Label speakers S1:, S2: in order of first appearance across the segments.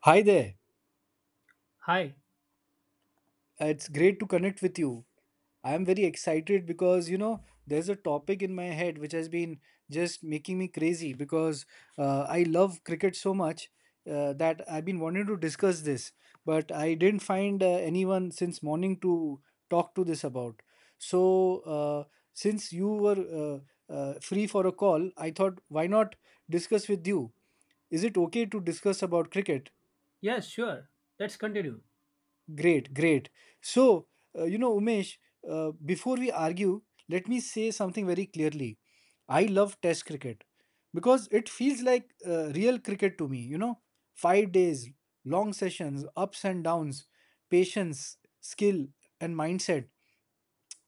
S1: Hi there.
S2: Hi.
S1: It's great to connect with you. I am very excited because you know there's a topic in my head which has been just making me crazy because I love cricket so much that I've been wanting to discuss this, but I didn't find anyone since morning to talk to this about. So uh, since you were free for a call, I thought why not discuss with you? Is it okay to discuss about cricket?
S2: Yes, sure. Let's continue.
S1: Great, great. So, you know, Umesh, before we argue, let me say something very clearly. I love Test cricket because it feels like real cricket to me, you know, 5 days, long sessions, ups and downs, patience, skill, and mindset.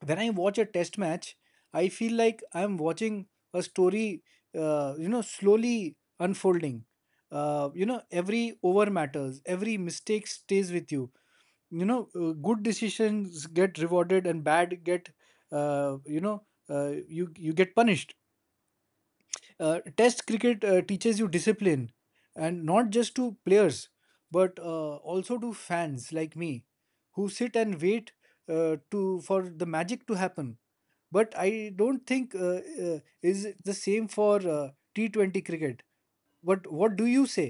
S1: When I watch a Test match, I feel like I'm watching a story, you know, slowly unfolding. You know, every over matters, every mistake stays with you, you know, good decisions get rewarded and bad get uh, you know you get punished. Test cricket teaches you discipline, and not just to players but also to fans like me who sit and wait to for the magic to happen. But I don't think is the same for t20 cricket. But what do you say?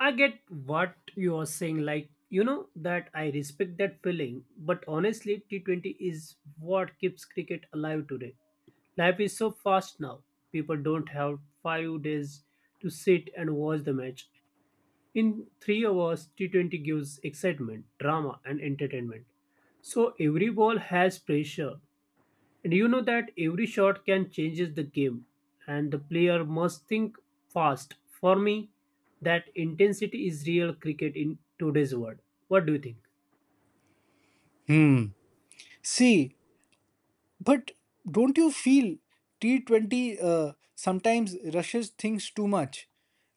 S2: I get what you're saying. Like, you know, that I respect that feeling. But honestly, T20 is what keeps cricket alive today. Life is so fast now. People don't have 5 days to sit and watch the match. In 3 hours, T20 gives excitement, drama, and entertainment. So every ball has pressure. Do you know that every shot can changes the game and the player must think fast? For me, that intensity is real cricket in today's world. What do you think?
S1: Hmm. See. But don't you feel T20 sometimes rushes things too much?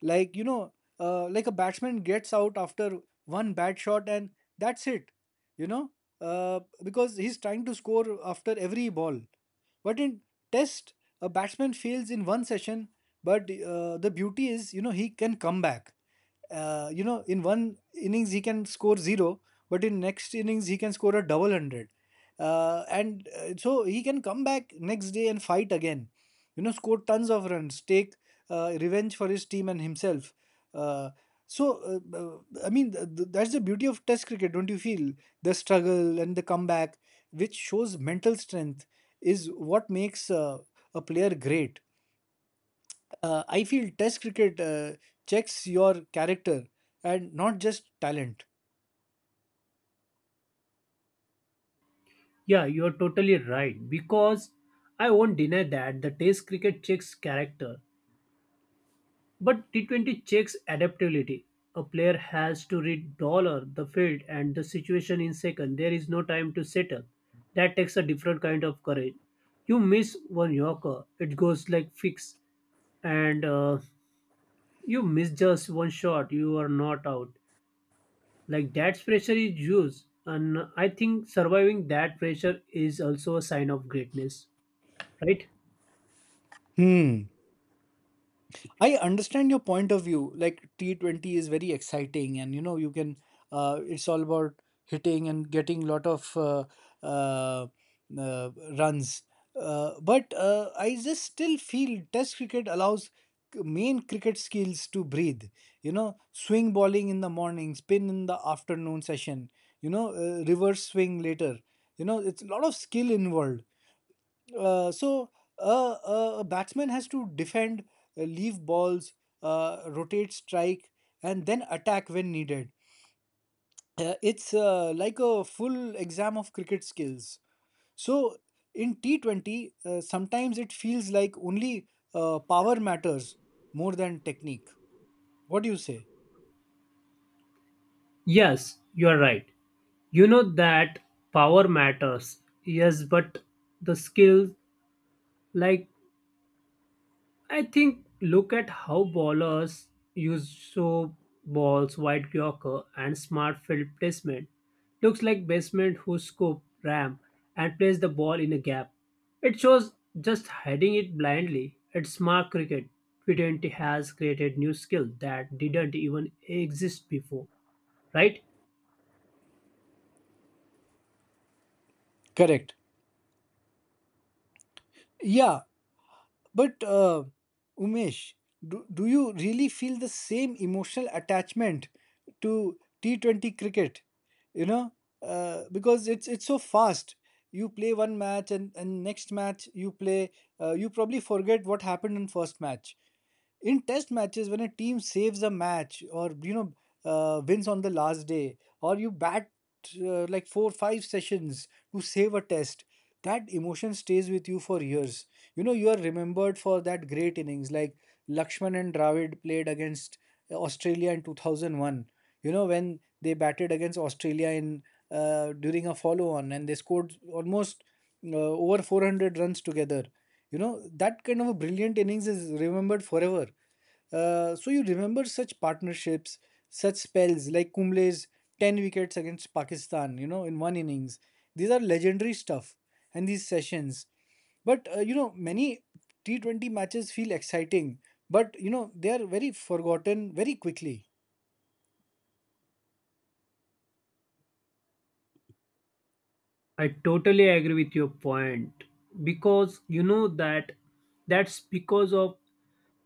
S1: Like, you know, like a batsman gets out after one bad shot and that's it, you know, because he's trying to score after every ball. But in test, a batsman fails in one session, but the beauty is, you know, he can come back. You know, in one innings he can score zero, but in next innings he can score a double hundred. And so he can come back next day and fight again. You know, score tons of runs, take revenge for his team and himself. Uh, so, uh, uh, I mean, that's the beauty of Test cricket, don't you feel? The struggle and the comeback, which shows mental strength, is what makes a player great. I feel Test cricket checks your character and not just talent.
S2: Yeah, you're totally right because I won't deny that the test cricket checks character, but T20 checks adaptability. A player has to read dollar, the field, and the situation in second. There is no time to settle. That takes a different kind of courage. You miss one Yorker, it goes like fix, and you miss just one shot, you are not out. Like that pressure is huge, and I think surviving that pressure is also a sign of greatness, right?
S1: Hmm. I understand your point of view. Like T20 is very exciting, and you know you can. It's all about hitting and getting lot of uh, uh, runs. But I just still feel Test cricket allows main cricket skills to breathe. You know, swing bowling in the morning, spin in the afternoon session. You know, reverse swing later. You know, it's a lot of skill involved, uh, so a batsman has to defend, leave balls, rotate strike, and then attack when needed. It's like a full exam of cricket skills. So in T20, sometimes it feels like only power matters more than technique. What do you say?
S2: Yes, you are right. You know that power matters, yes, but the skill, like, I think look at how ballers use so balls, wide Yorker, and smart field placement. Looks like basement who scoop, ram, and place the ball in a gap. It shows just heading it blindly. It's smart cricket. T20 has created new skill that didn't even exist before, right?
S1: Correct. Yeah. But Umesh, do you really feel the same emotional attachment to T20 cricket? You know, because it's so fast. You play one match and next match you play, you probably forget what happened in first match. In test matches, when a team saves a match, or, you know, wins on the last day, or you bat like 4 5 sessions to save a test, that emotion stays with you for years. You know, you are remembered for that great innings, like Lakshman and Dravid played against Australia in 2001. You know, when they batted against Australia in, during a follow on, and they scored almost over 400 runs together. You know, that kind of a brilliant innings is remembered forever. So you remember such partnerships, such spells like Kumble's 10 wickets against Pakistan, you know, in one innings. These are legendary stuff and these sessions. But, you know, many T20 matches feel exciting, but, you know, they are very forgotten very quickly.
S2: I totally agree with your point because you know that that's because of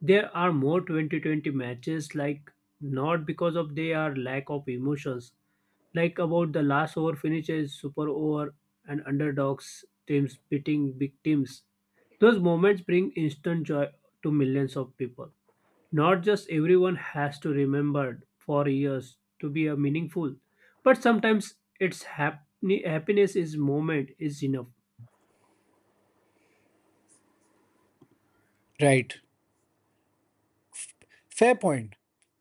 S2: there are more 2020 matches, like not because of their lack of emotions, like about the last over finishes, super over, and underdogs teams beating big teams. Those moments bring instant joy to millions of people, not just everyone has to remember for years to be a meaningful, but sometimes it's happiness is moment is enough.
S1: Right. Fair point.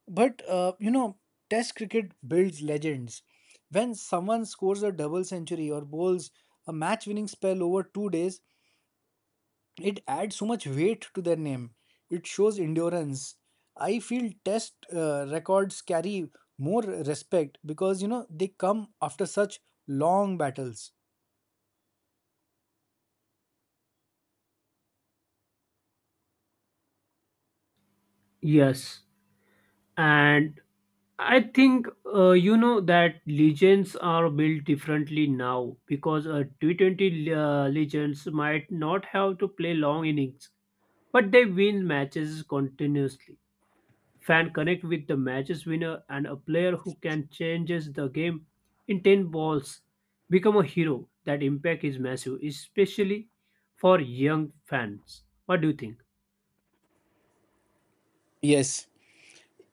S1: But, you know, Test cricket builds legends. When someone scores a double century or bowls a match winning spell over 2 days, it adds so much weight to their name. It shows endurance. I feel Test records carry more respect because, you know, they come after such long battles.
S2: Yes, and I think you know that legends are built differently now because a T20 legends might not have to play long innings, but they win matches continuously. Fan connect with the matches winner, and a player who can changes the game in 10 balls become a hero. That impact is massive, especially for young fans. What do you think?
S1: Yes.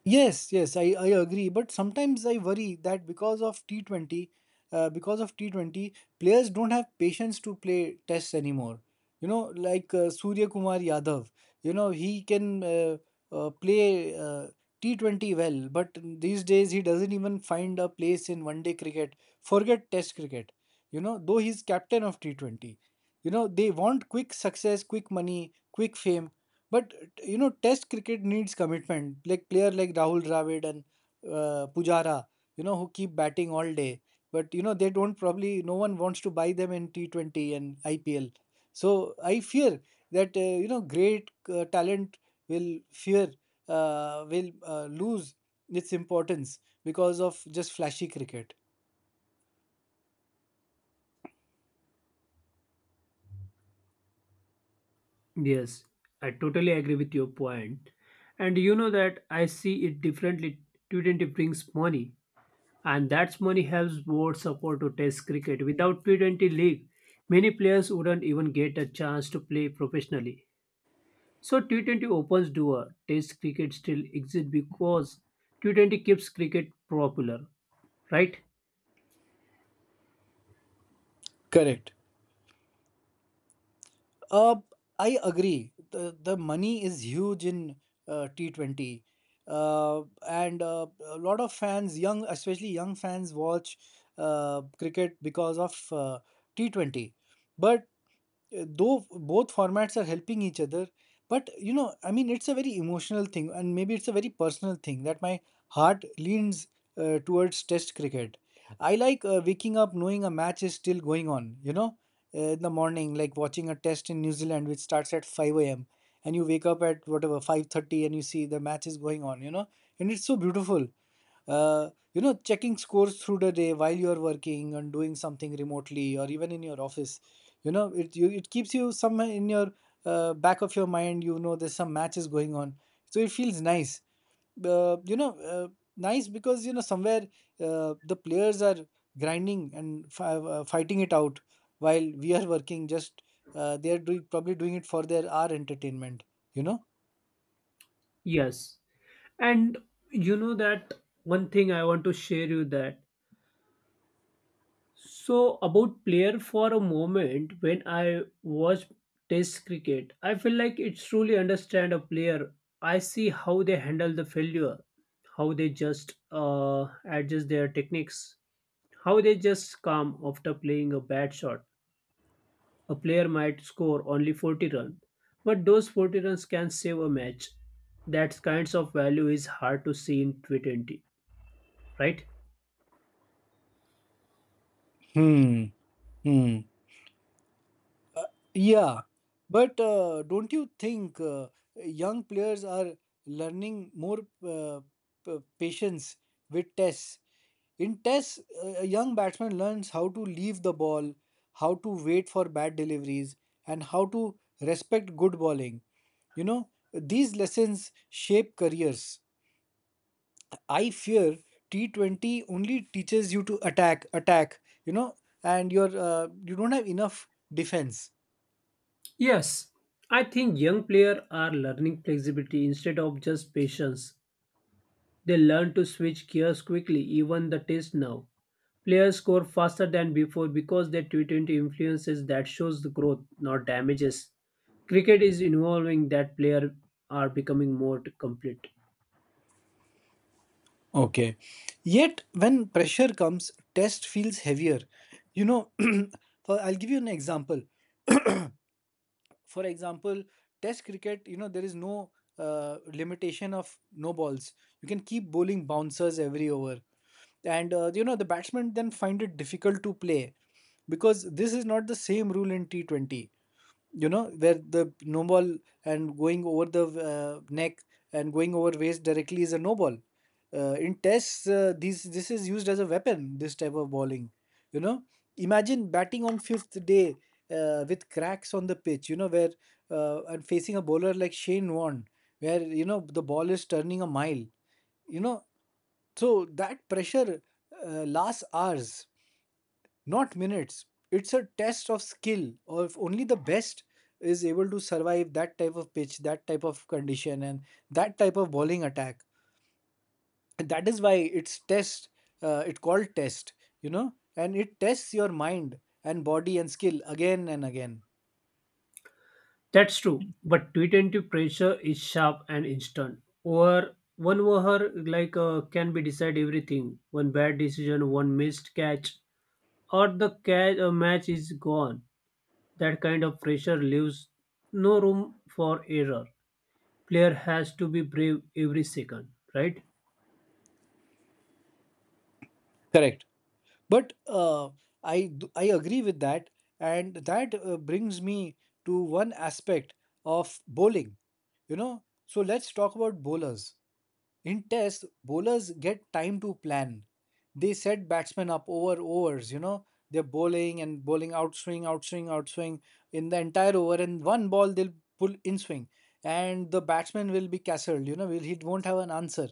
S1: Yes, yes, I agree. But sometimes I worry that because of T20, uh, because of T20, players don't have patience to play tests anymore. You know, like Surya Kumar Yadav, you know, he can play T20 well, but these days he doesn't even find a place in 1 day cricket. Forget test cricket, you know, though he's captain of T20. You know, they want quick success, quick money, quick fame, but, you know, Test cricket needs commitment. Like player like Rahul Dravid and Pujara, you know, who keep batting all day. But you know, they don't probably. No one wants to buy them in T 20 and IPL. So I fear that, you know, great talent will fear will lose its importance because of just flashy cricket.
S2: Yes, I totally agree with your point. And you know that I see it differently. T20 brings money, and that money helps board support to test cricket. Without T20 league, many players wouldn't even get a chance to play professionally. So T20 opens door. Test cricket still exists because T20 keeps cricket popular, right?
S1: Correct. Uh, I agree. The money is huge in T20. And A lot of fans, young, especially young fans, watch cricket because of T20. But though both formats are helping each other, but you know, I mean, it's a very emotional thing, and maybe it's a very personal thing, that my heart leans towards test cricket. I like waking up knowing a match is still going on. You know, in the morning, like watching a test in New Zealand which starts at 5 a.m, and you wake up at whatever 5:30 and you see the match is going on, you know, and it's so beautiful. You know, checking scores through the day while you're working and doing something remotely, or even in your office, you know, it keeps you somewhere in your, back of your mind, you know, there's some matches going on. So it feels nice, uh, you know uh, nice because, you know, somewhere the players are grinding and fighting it out, while we are working, just, they are doing probably doing it for their our entertainment, you know.
S2: Yes. And you know that one thing I want to share you that, so about player for a moment, when I watch test cricket, I feel like it's truly understand a player. I see how they handle the failure, how they just adjust their techniques, how they just calm after playing a bad shot. A player might score only 40 runs, but those 40 runs can save a match. That kinds of value is hard to see in T20, right?
S1: Hmm. Hmm. Yeah, but don't you think young players are learning more patience with tests? In tests, a young batsman learns how to leave the ball, how to wait for bad deliveries, and how to respect good bowling. You know, these lessons shape careers. I fear T20 only teaches you to attack, attack, you know, and you're you don't have enough defense.
S2: Yes, I think young players are learning flexibility instead of just patience. They learn to switch gears quickly, even the test now. Players score faster than before because their T20 influences that shows the growth, not damages. Cricket is evolving that players are becoming more complete.
S1: Okay. Yet, when pressure comes, test feels heavier. You know, for, I'll give you an example. For example, test cricket, you know, there is no limitation of no balls. You can keep bowling bouncers every over. And, you know, the batsmen then find it difficult to play, because this is not the same rule in T20. You know, where the no ball, and going over the neck and going over waist directly is a no ball. In tests, these this is used as a weapon, this type of bowling. You know, imagine batting on fifth day with cracks on the pitch, you know, where and facing a bowler like Shane Warne, where, you know, the ball is turning a mile, you know. So that pressure uh, lasts hours, not minutes. It's a test of skill, or if only the best is able to survive that type of pitch, that type of condition, and that type of bowling attack. And that is why it's test. It called test, you know, and it tests your mind and body and skill again and again.
S2: That's true, but T20 pressure is sharp and instant. Or one over like can be decide everything. One bad decision, one missed catch, or the catch, a match is gone. That kind of pressure leaves no room for error. Player has to be brave every second, right?
S1: Correct. But I I agree with that, and that brings me to one aspect of bowling. You know, so let's talk about bowlers. In tests, bowlers get time to plan. They set batsmen up over overs, you know. They're bowling and bowling outswing, outswing, outswing in the entire over, and one ball they'll pull in swing, and the batsman will be castled, you know, will he won't have an answer.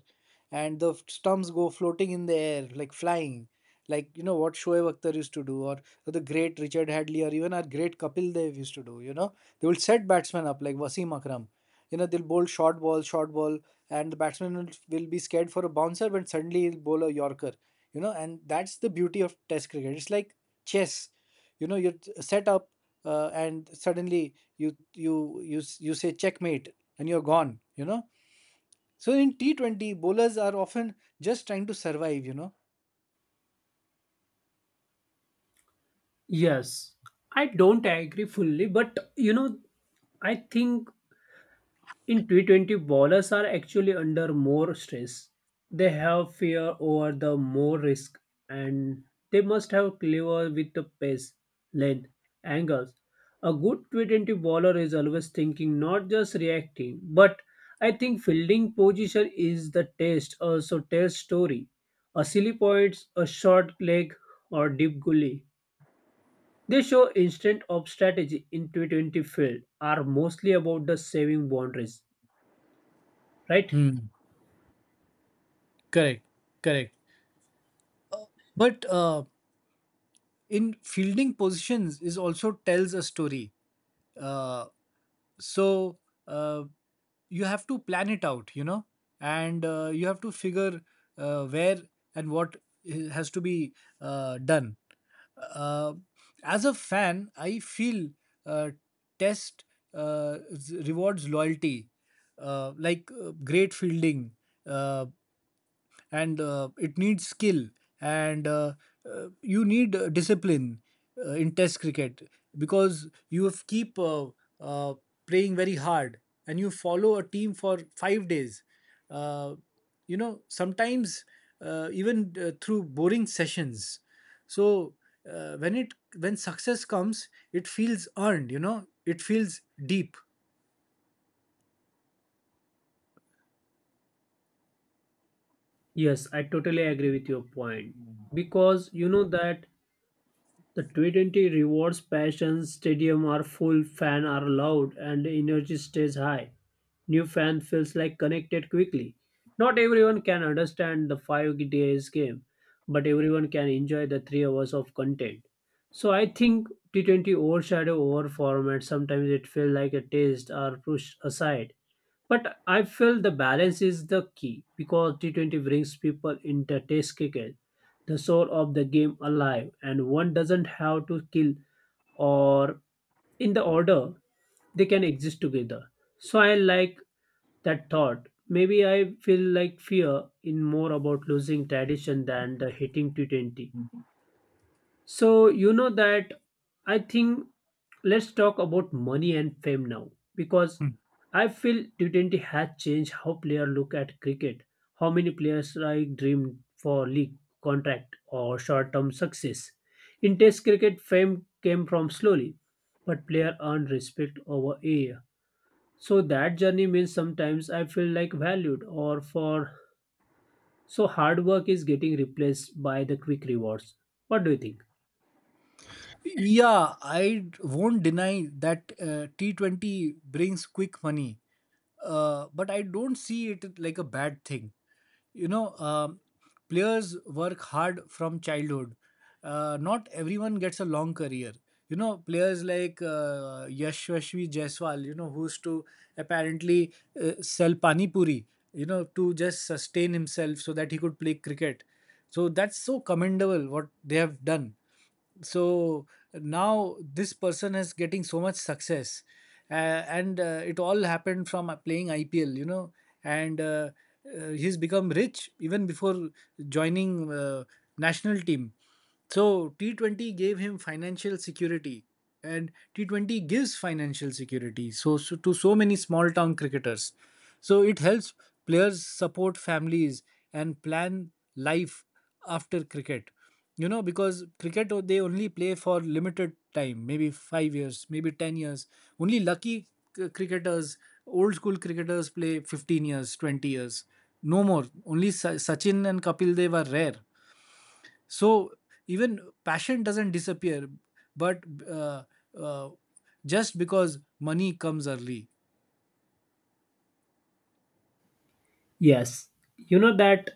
S1: And the stumps go floating in the air, like flying, like, you know, what Shoaib Akhtar used to do, or the great Richard Hadley, or even our great Kapil Dev used to do. You know, they will set batsmen up like Wasim Akram. You know, they'll bowl short ball, and the batsman will be scared for a bouncer, but suddenly he'll bowl a Yorker. You know, and that's the beauty of Test cricket. It's like chess. You know, you're set up, and suddenly you say checkmate, and you're gone. You know. So in T 20, bowlers are often just trying to survive.
S2: Yes, I don't agree fully, but you know, I think in T20, bowlers are actually under more stress. They have fear over the more risk, and they must have clever with the pace, length, angles. A good T20 bowler is always thinking, not just reacting. But I think fielding position is the test, also test story. A silly points, a short leg, or deep gully. They show instant of strategy in T20 field are mostly about the saving boundaries, right?
S1: Hmm. Correct, correct. But in fielding positions is also tells a story. Uh, so uh, you have to plan it out, you know, and you have to figure where and what has to be done. Uh, as a fan, I feel uh, test rewards loyalty, like great fielding. Uh, and It needs skill and you need discipline in test cricket because you have keep uh, playing very hard, and you follow a team for 5 days. uh, you know, sometimes even through boring sessions, so when it when success comes it feels earned. You know, it feels deep.
S2: Yes, I totally agree with your point because you know that the t 20 rewards passion, stadium are full, fan are loud, and the energy stays high. New fan feels like connected quickly. Not everyone can understand the 5 days game, but everyone can enjoy the 3 hours of content. So I think T20 overshadow over format. Sometimes it feels like a taste are pushed aside. But I feel the balance is the key because T20 brings people into test cricket, the soul of the game alive, and one doesn't have to kill, or in the order they can exist together. So I like that thought. Maybe I feel like fear in more about losing tradition than the hitting t20. So, you know that I think let's talk about money and fame now, because I feel T20 has changed how players look at cricket, how many players like dream for league contract or short-term success. In Test cricket, fame came from slowly, but player earned respect over a year. So that journey means sometimes I feel like valued or for, so hard work is getting replaced by the quick rewards. What do you think?
S1: Yeah, won't deny that T20 brings quick money, but I don't see it like a bad thing. You know, players work hard from childhood. Not everyone gets a long career. You know, players like Yashasvi Jaiswal, you know, who used to apparently sell pani puri, you know, to just sustain himself so that he could play cricket. So that's so commendable what they have done. So now this person is getting so much success, and it all happened from playing ipl. You know, and he's become rich even before joining national team. So T20 gave him financial security, and T20 gives financial security to so many small town cricketers. So it helps players support families and plan life after cricket, you know, because cricket they only play for limited time, maybe 5 years, maybe 10 years. Only lucky cricketers, old school cricketers, play 15 years, 20 years no more. Only Sachin and Kapil Dev are rare. So even passion doesn't disappear, but uh, uh, just because money comes early.
S2: Yes, you know that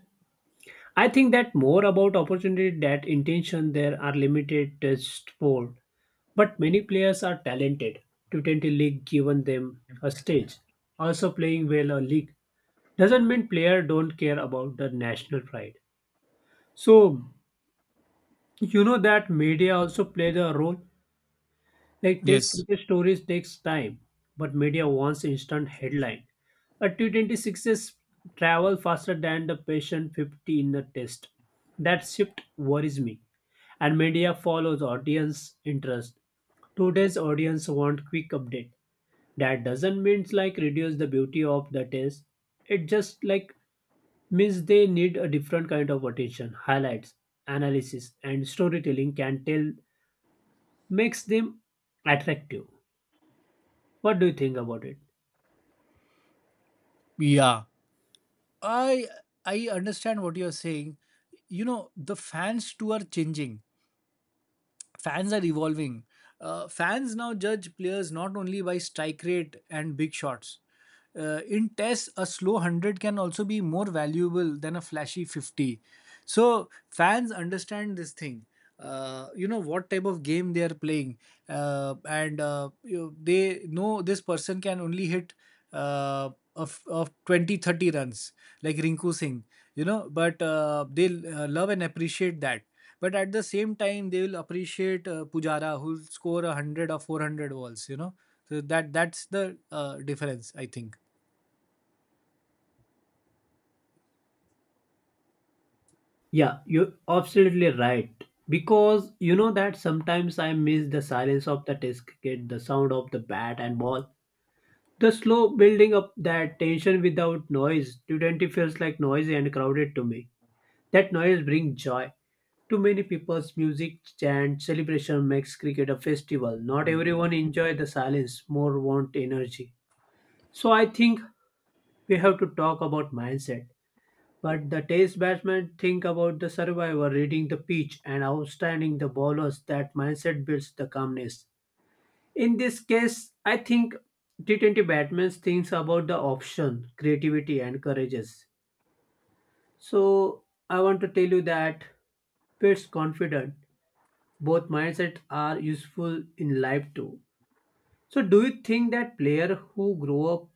S2: I think that more about opportunity that intention, there are limited test sport, but many players are talented. T20 league given them a stage. Also playing well a league doesn't mean player don't care about the national pride. So you know that media also play the role. Like test
S1: Yes.
S2: cricket stories takes time, but media wants instant headline. A t26s sixes travel faster than the patient 50 in the test. That shift worries me. And media follows audience interest. Today's audience want quick update. That doesn't mean like reduce the beauty of the test. It just like means they need a different kind of attention. Highlights, analysis, and storytelling can tell makes them attractive. What do you think about it?
S1: Yeah, i I understand what you're saying. You know, the fans too are changing, fans are evolving. Fans now judge players not only by strike rate and big shots. In tests, a slow 100 can also be more valuable than a flashy 50. So, fans understand this thing. You know what type of game they are playing, and you know, they know this person can only hit uh, of 20, 30 runs, like Rinku Singh, you know, but they love and appreciate that. But at the same time, they will appreciate Pujara, who'll score 100 or 400 balls. You know, so that's the difference, I think.
S2: Yeah, you're absolutely right. Because you know that sometimes I miss the silence of the test cricket, the sound of the bat and ball, the slow building up that tension without noise. T20 feels like noisy and crowded to me. That noise brings joy. To many people's music, chant, celebration makes cricket a festival. Not everyone enjoy the silence, more want energy. So I think we have to talk about mindset. But the test batsmen think about the survivor, reading the pitch and outstanding the bowlers. That mindset builds the calmness. In this case, I think T20 batsmen thinks about the option, creativity and courageous. So I want to tell you that Pitt's confident. Both mindsets are useful in life too. So do you think that player who grow up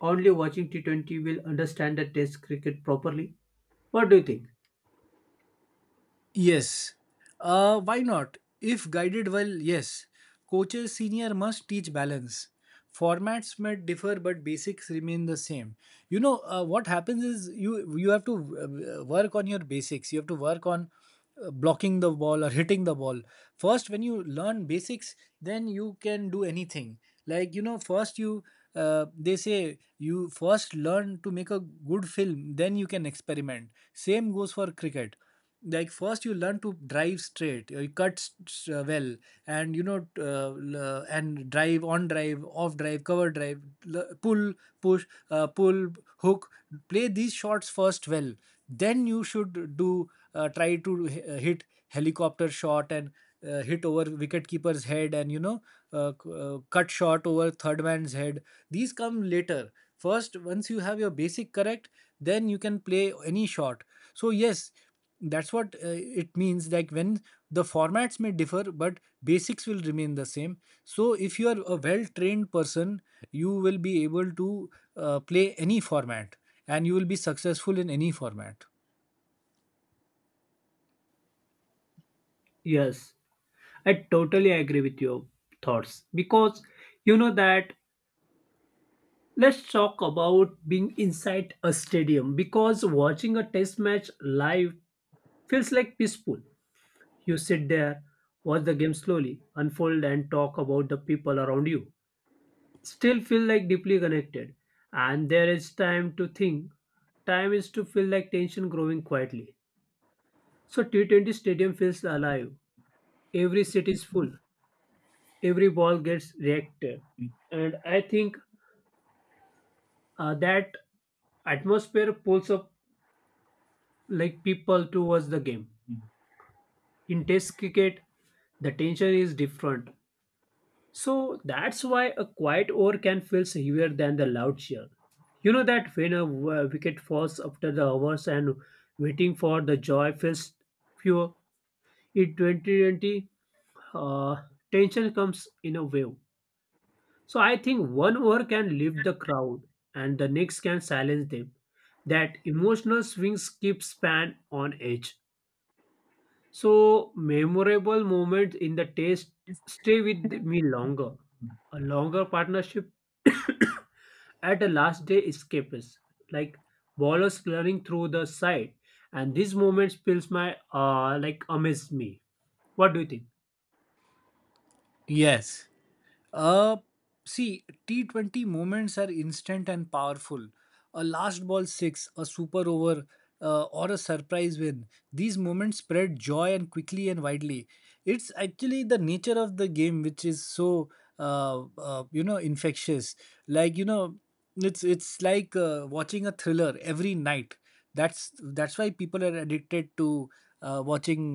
S2: only watching T20 will understand the test cricket properly? What do you think?
S1: Yes. Why not? If guided well, yes. Coaches senior must teach balance. Formats might differ, but basics remain the same. What happens is you have to work on your basics. You have to work on blocking the ball or hitting the ball. First, when you learn basics, then you can do anything. Like, you know, first you they say you first learn to make a good film, then you can experiment. Same goes for cricket. Like, first you learn to drive straight, you cut, well, and you know, and drive on, drive off, drive, cover drive, pull, push, pull, hook, play these shots first well, then you should do, try to hit helicopter shot, and hit over wicketkeeper's head, and you know, cut shot over third man's head. These come later. First, once you have your basic correct, then you can play any shot. So yes, that's what it means, like, when the formats may differ but basics will remain the same. So if you are a well trained person, you will be able to play any format and you will be successful in any format.
S2: Yes. I totally agree with your thoughts because you know that let's talk about being inside a stadium, because watching a test match live feels like peaceful. You sit there, watch the game slowly unfold, and talk about the people around you. Still feel like deeply connected, and there is time to think. Time is to feel like tension growing quietly. So T20 stadium feels alive. Every seat is full, every ball gets reacted, and I think that atmosphere pulls up like people towards the game. In test cricket, the tension is different, so that's why a quiet over can feel heavier than the loud cheer. You know that when a wicket falls after the hours and waiting for the joy feels pure. In 2020, uh, tension comes in a wave. So I think one over can lift the crowd and the next can silence them. That emotional swings keeps fan on edge. So memorable moments in the taste stay with me longer. A longer partnership at the last day escapes, like ballers clearing through the side, and these moments feels my like amaze me. What do you think?
S1: Yes. Uh, see, T20 moments are instant and powerful. A last ball six, a super over, or a surprise win. These moments spread joy and quickly and widely. It's actually the nature of the game which is so, you know, infectious. Like, you know, it's like watching a thriller every night. That's why people are addicted to watching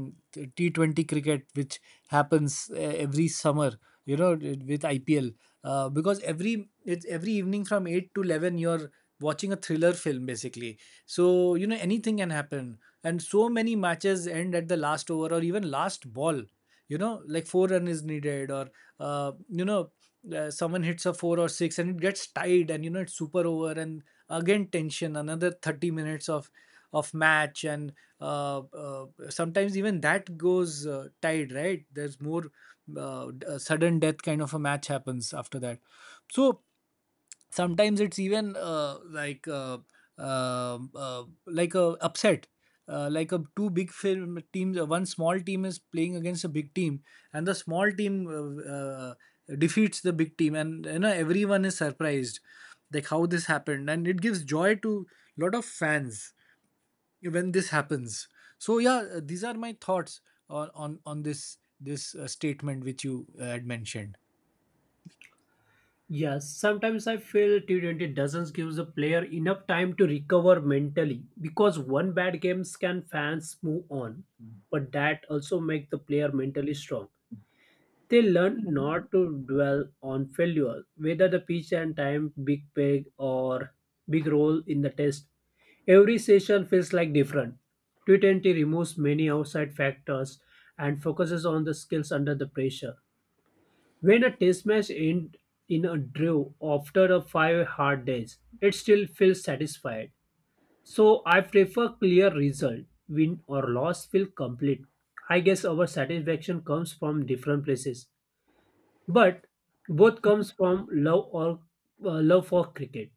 S1: T 20 cricket, which happens every summer, you know, with IPL, because every it's every evening from 8 to 11. You're watching a thriller film basically. So you know anything can happen, and so many matches end at the last over or even last ball. You know, like, four run is needed, or uh, you know someone hits a four or six and it gets tied, and you know it's super over and again tension, another 30 minutes of match, and sometimes even that goes tied, right? There's more, a sudden death kind of a match happens after that. So sometimes it's even like a upset. Like a two big film teams, one small team is playing against a big team, and the small team defeats the big team, and you know everyone is surprised, like how this happened, and it gives joy to lot of fans, yeah, when this happens. So yeah, these are my thoughts on this statement which you had mentioned.
S2: Yes, sometimes I feel T20 doesn't give the player enough time to recover mentally, because one bad games can fans move on, but that also make the player mentally strong. They learn not to dwell on failure, whether the pitch and time, big peg or big role in the test. Every session feels like different. T20 removes many outside factors and focuses on the skills under the pressure. When a test match ends in a draw after a five hard days, it still feels satisfied. So I prefer clear result. Win or loss feel complete. I guess our satisfaction comes from different places, but both comes from love or love for cricket.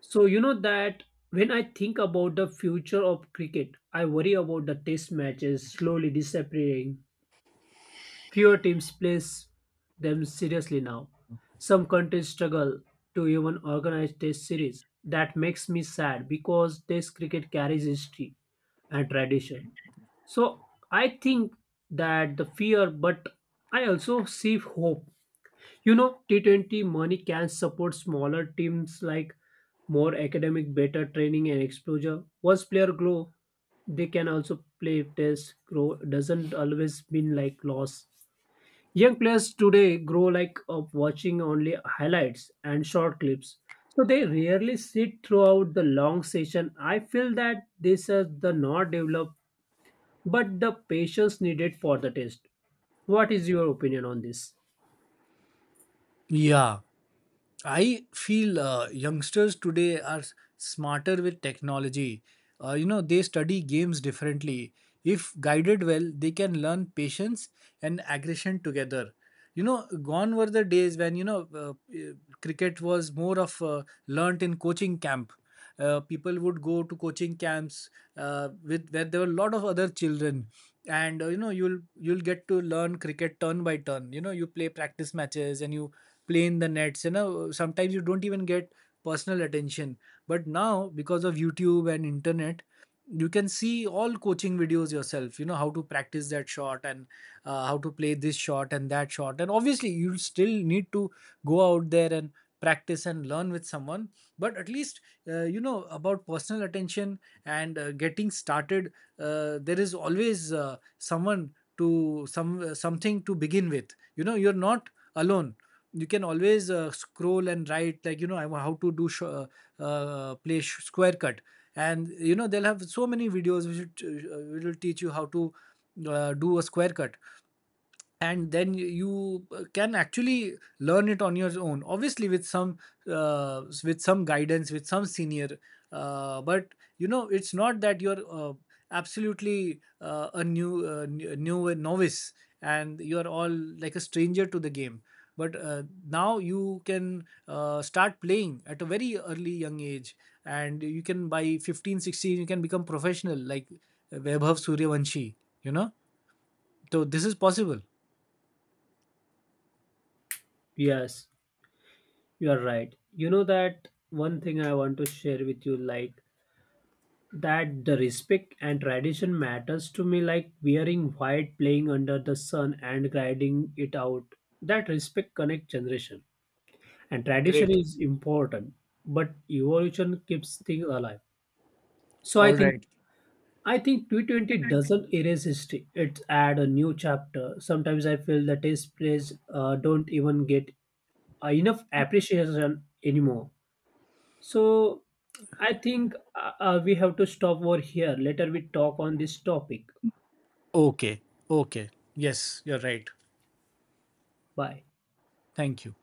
S2: So you know that when I think about the future of cricket, I worry about the test matches slowly disappearing. Fewer teams play them seriously now. Some countries struggle to even organize test series. That makes me sad because test cricket carries history and tradition. So I think that the fear, but I also see hope. You know, T20 money can support smaller teams, like more academic, better training and exposure. Once player grow, they can also play test. Grow doesn't always mean like loss. Young players today grow like of watching only highlights and short clips, so they rarely sit throughout the long session. I feel that this has the not developed but the patience needed for the test. What is your opinion on this?
S1: Yeah, I feel youngsters today are smarter with technology. You know, they study games differently. If guided well, they can learn patience and aggression together. You know, gone were the days when, you know, cricket was more of learnt in coaching camp. People would go to coaching camps with where there were a lot of other children, and you know, you'll get to learn cricket turn by turn. You know, you play practice matches and you play in the nets. You know, sometimes you don't even get personal attention. But now, because of youtube and internet, you can see all coaching videos yourself, you know, how to practice that shot, and how to play this shot and that shot. And obviously you still need to go out there and practice and learn with someone, but at least you know about personal attention, and getting started there is always someone, to some something to begin with. You know, you're not alone. You can always scroll and write, like, you know, how to do square cut, and you know they'll have so many videos which will teach you how to do a square cut, and then you can actually learn it on your own, obviously with some with some guidance, with some senior. But you know, it's not that you're absolutely a new novice and you're all like a stranger to the game. But now you can start playing at a very early young age, and you can by 15, 16, you can become professional like Vaibhav Suryavanshi, you know. So this is possible.
S2: Yes, you are right. You know that one thing I want to share with you, like, that the respect and tradition matters to me, like wearing white, playing under the sun, and grinding it out. That respect connect generation, and tradition
S1: Great.
S2: is important, but evolution keeps things alive. So I
S1: All
S2: think
S1: right.
S2: 220 doesn't erase history, it add a new chapter. Sometimes I feel that taste plays don't even get enough appreciation anymore. So I think we have to stop over here, later we talk on this topic.
S1: Okay. Okay. Yes, you're right.
S2: Bye.
S1: Thank you.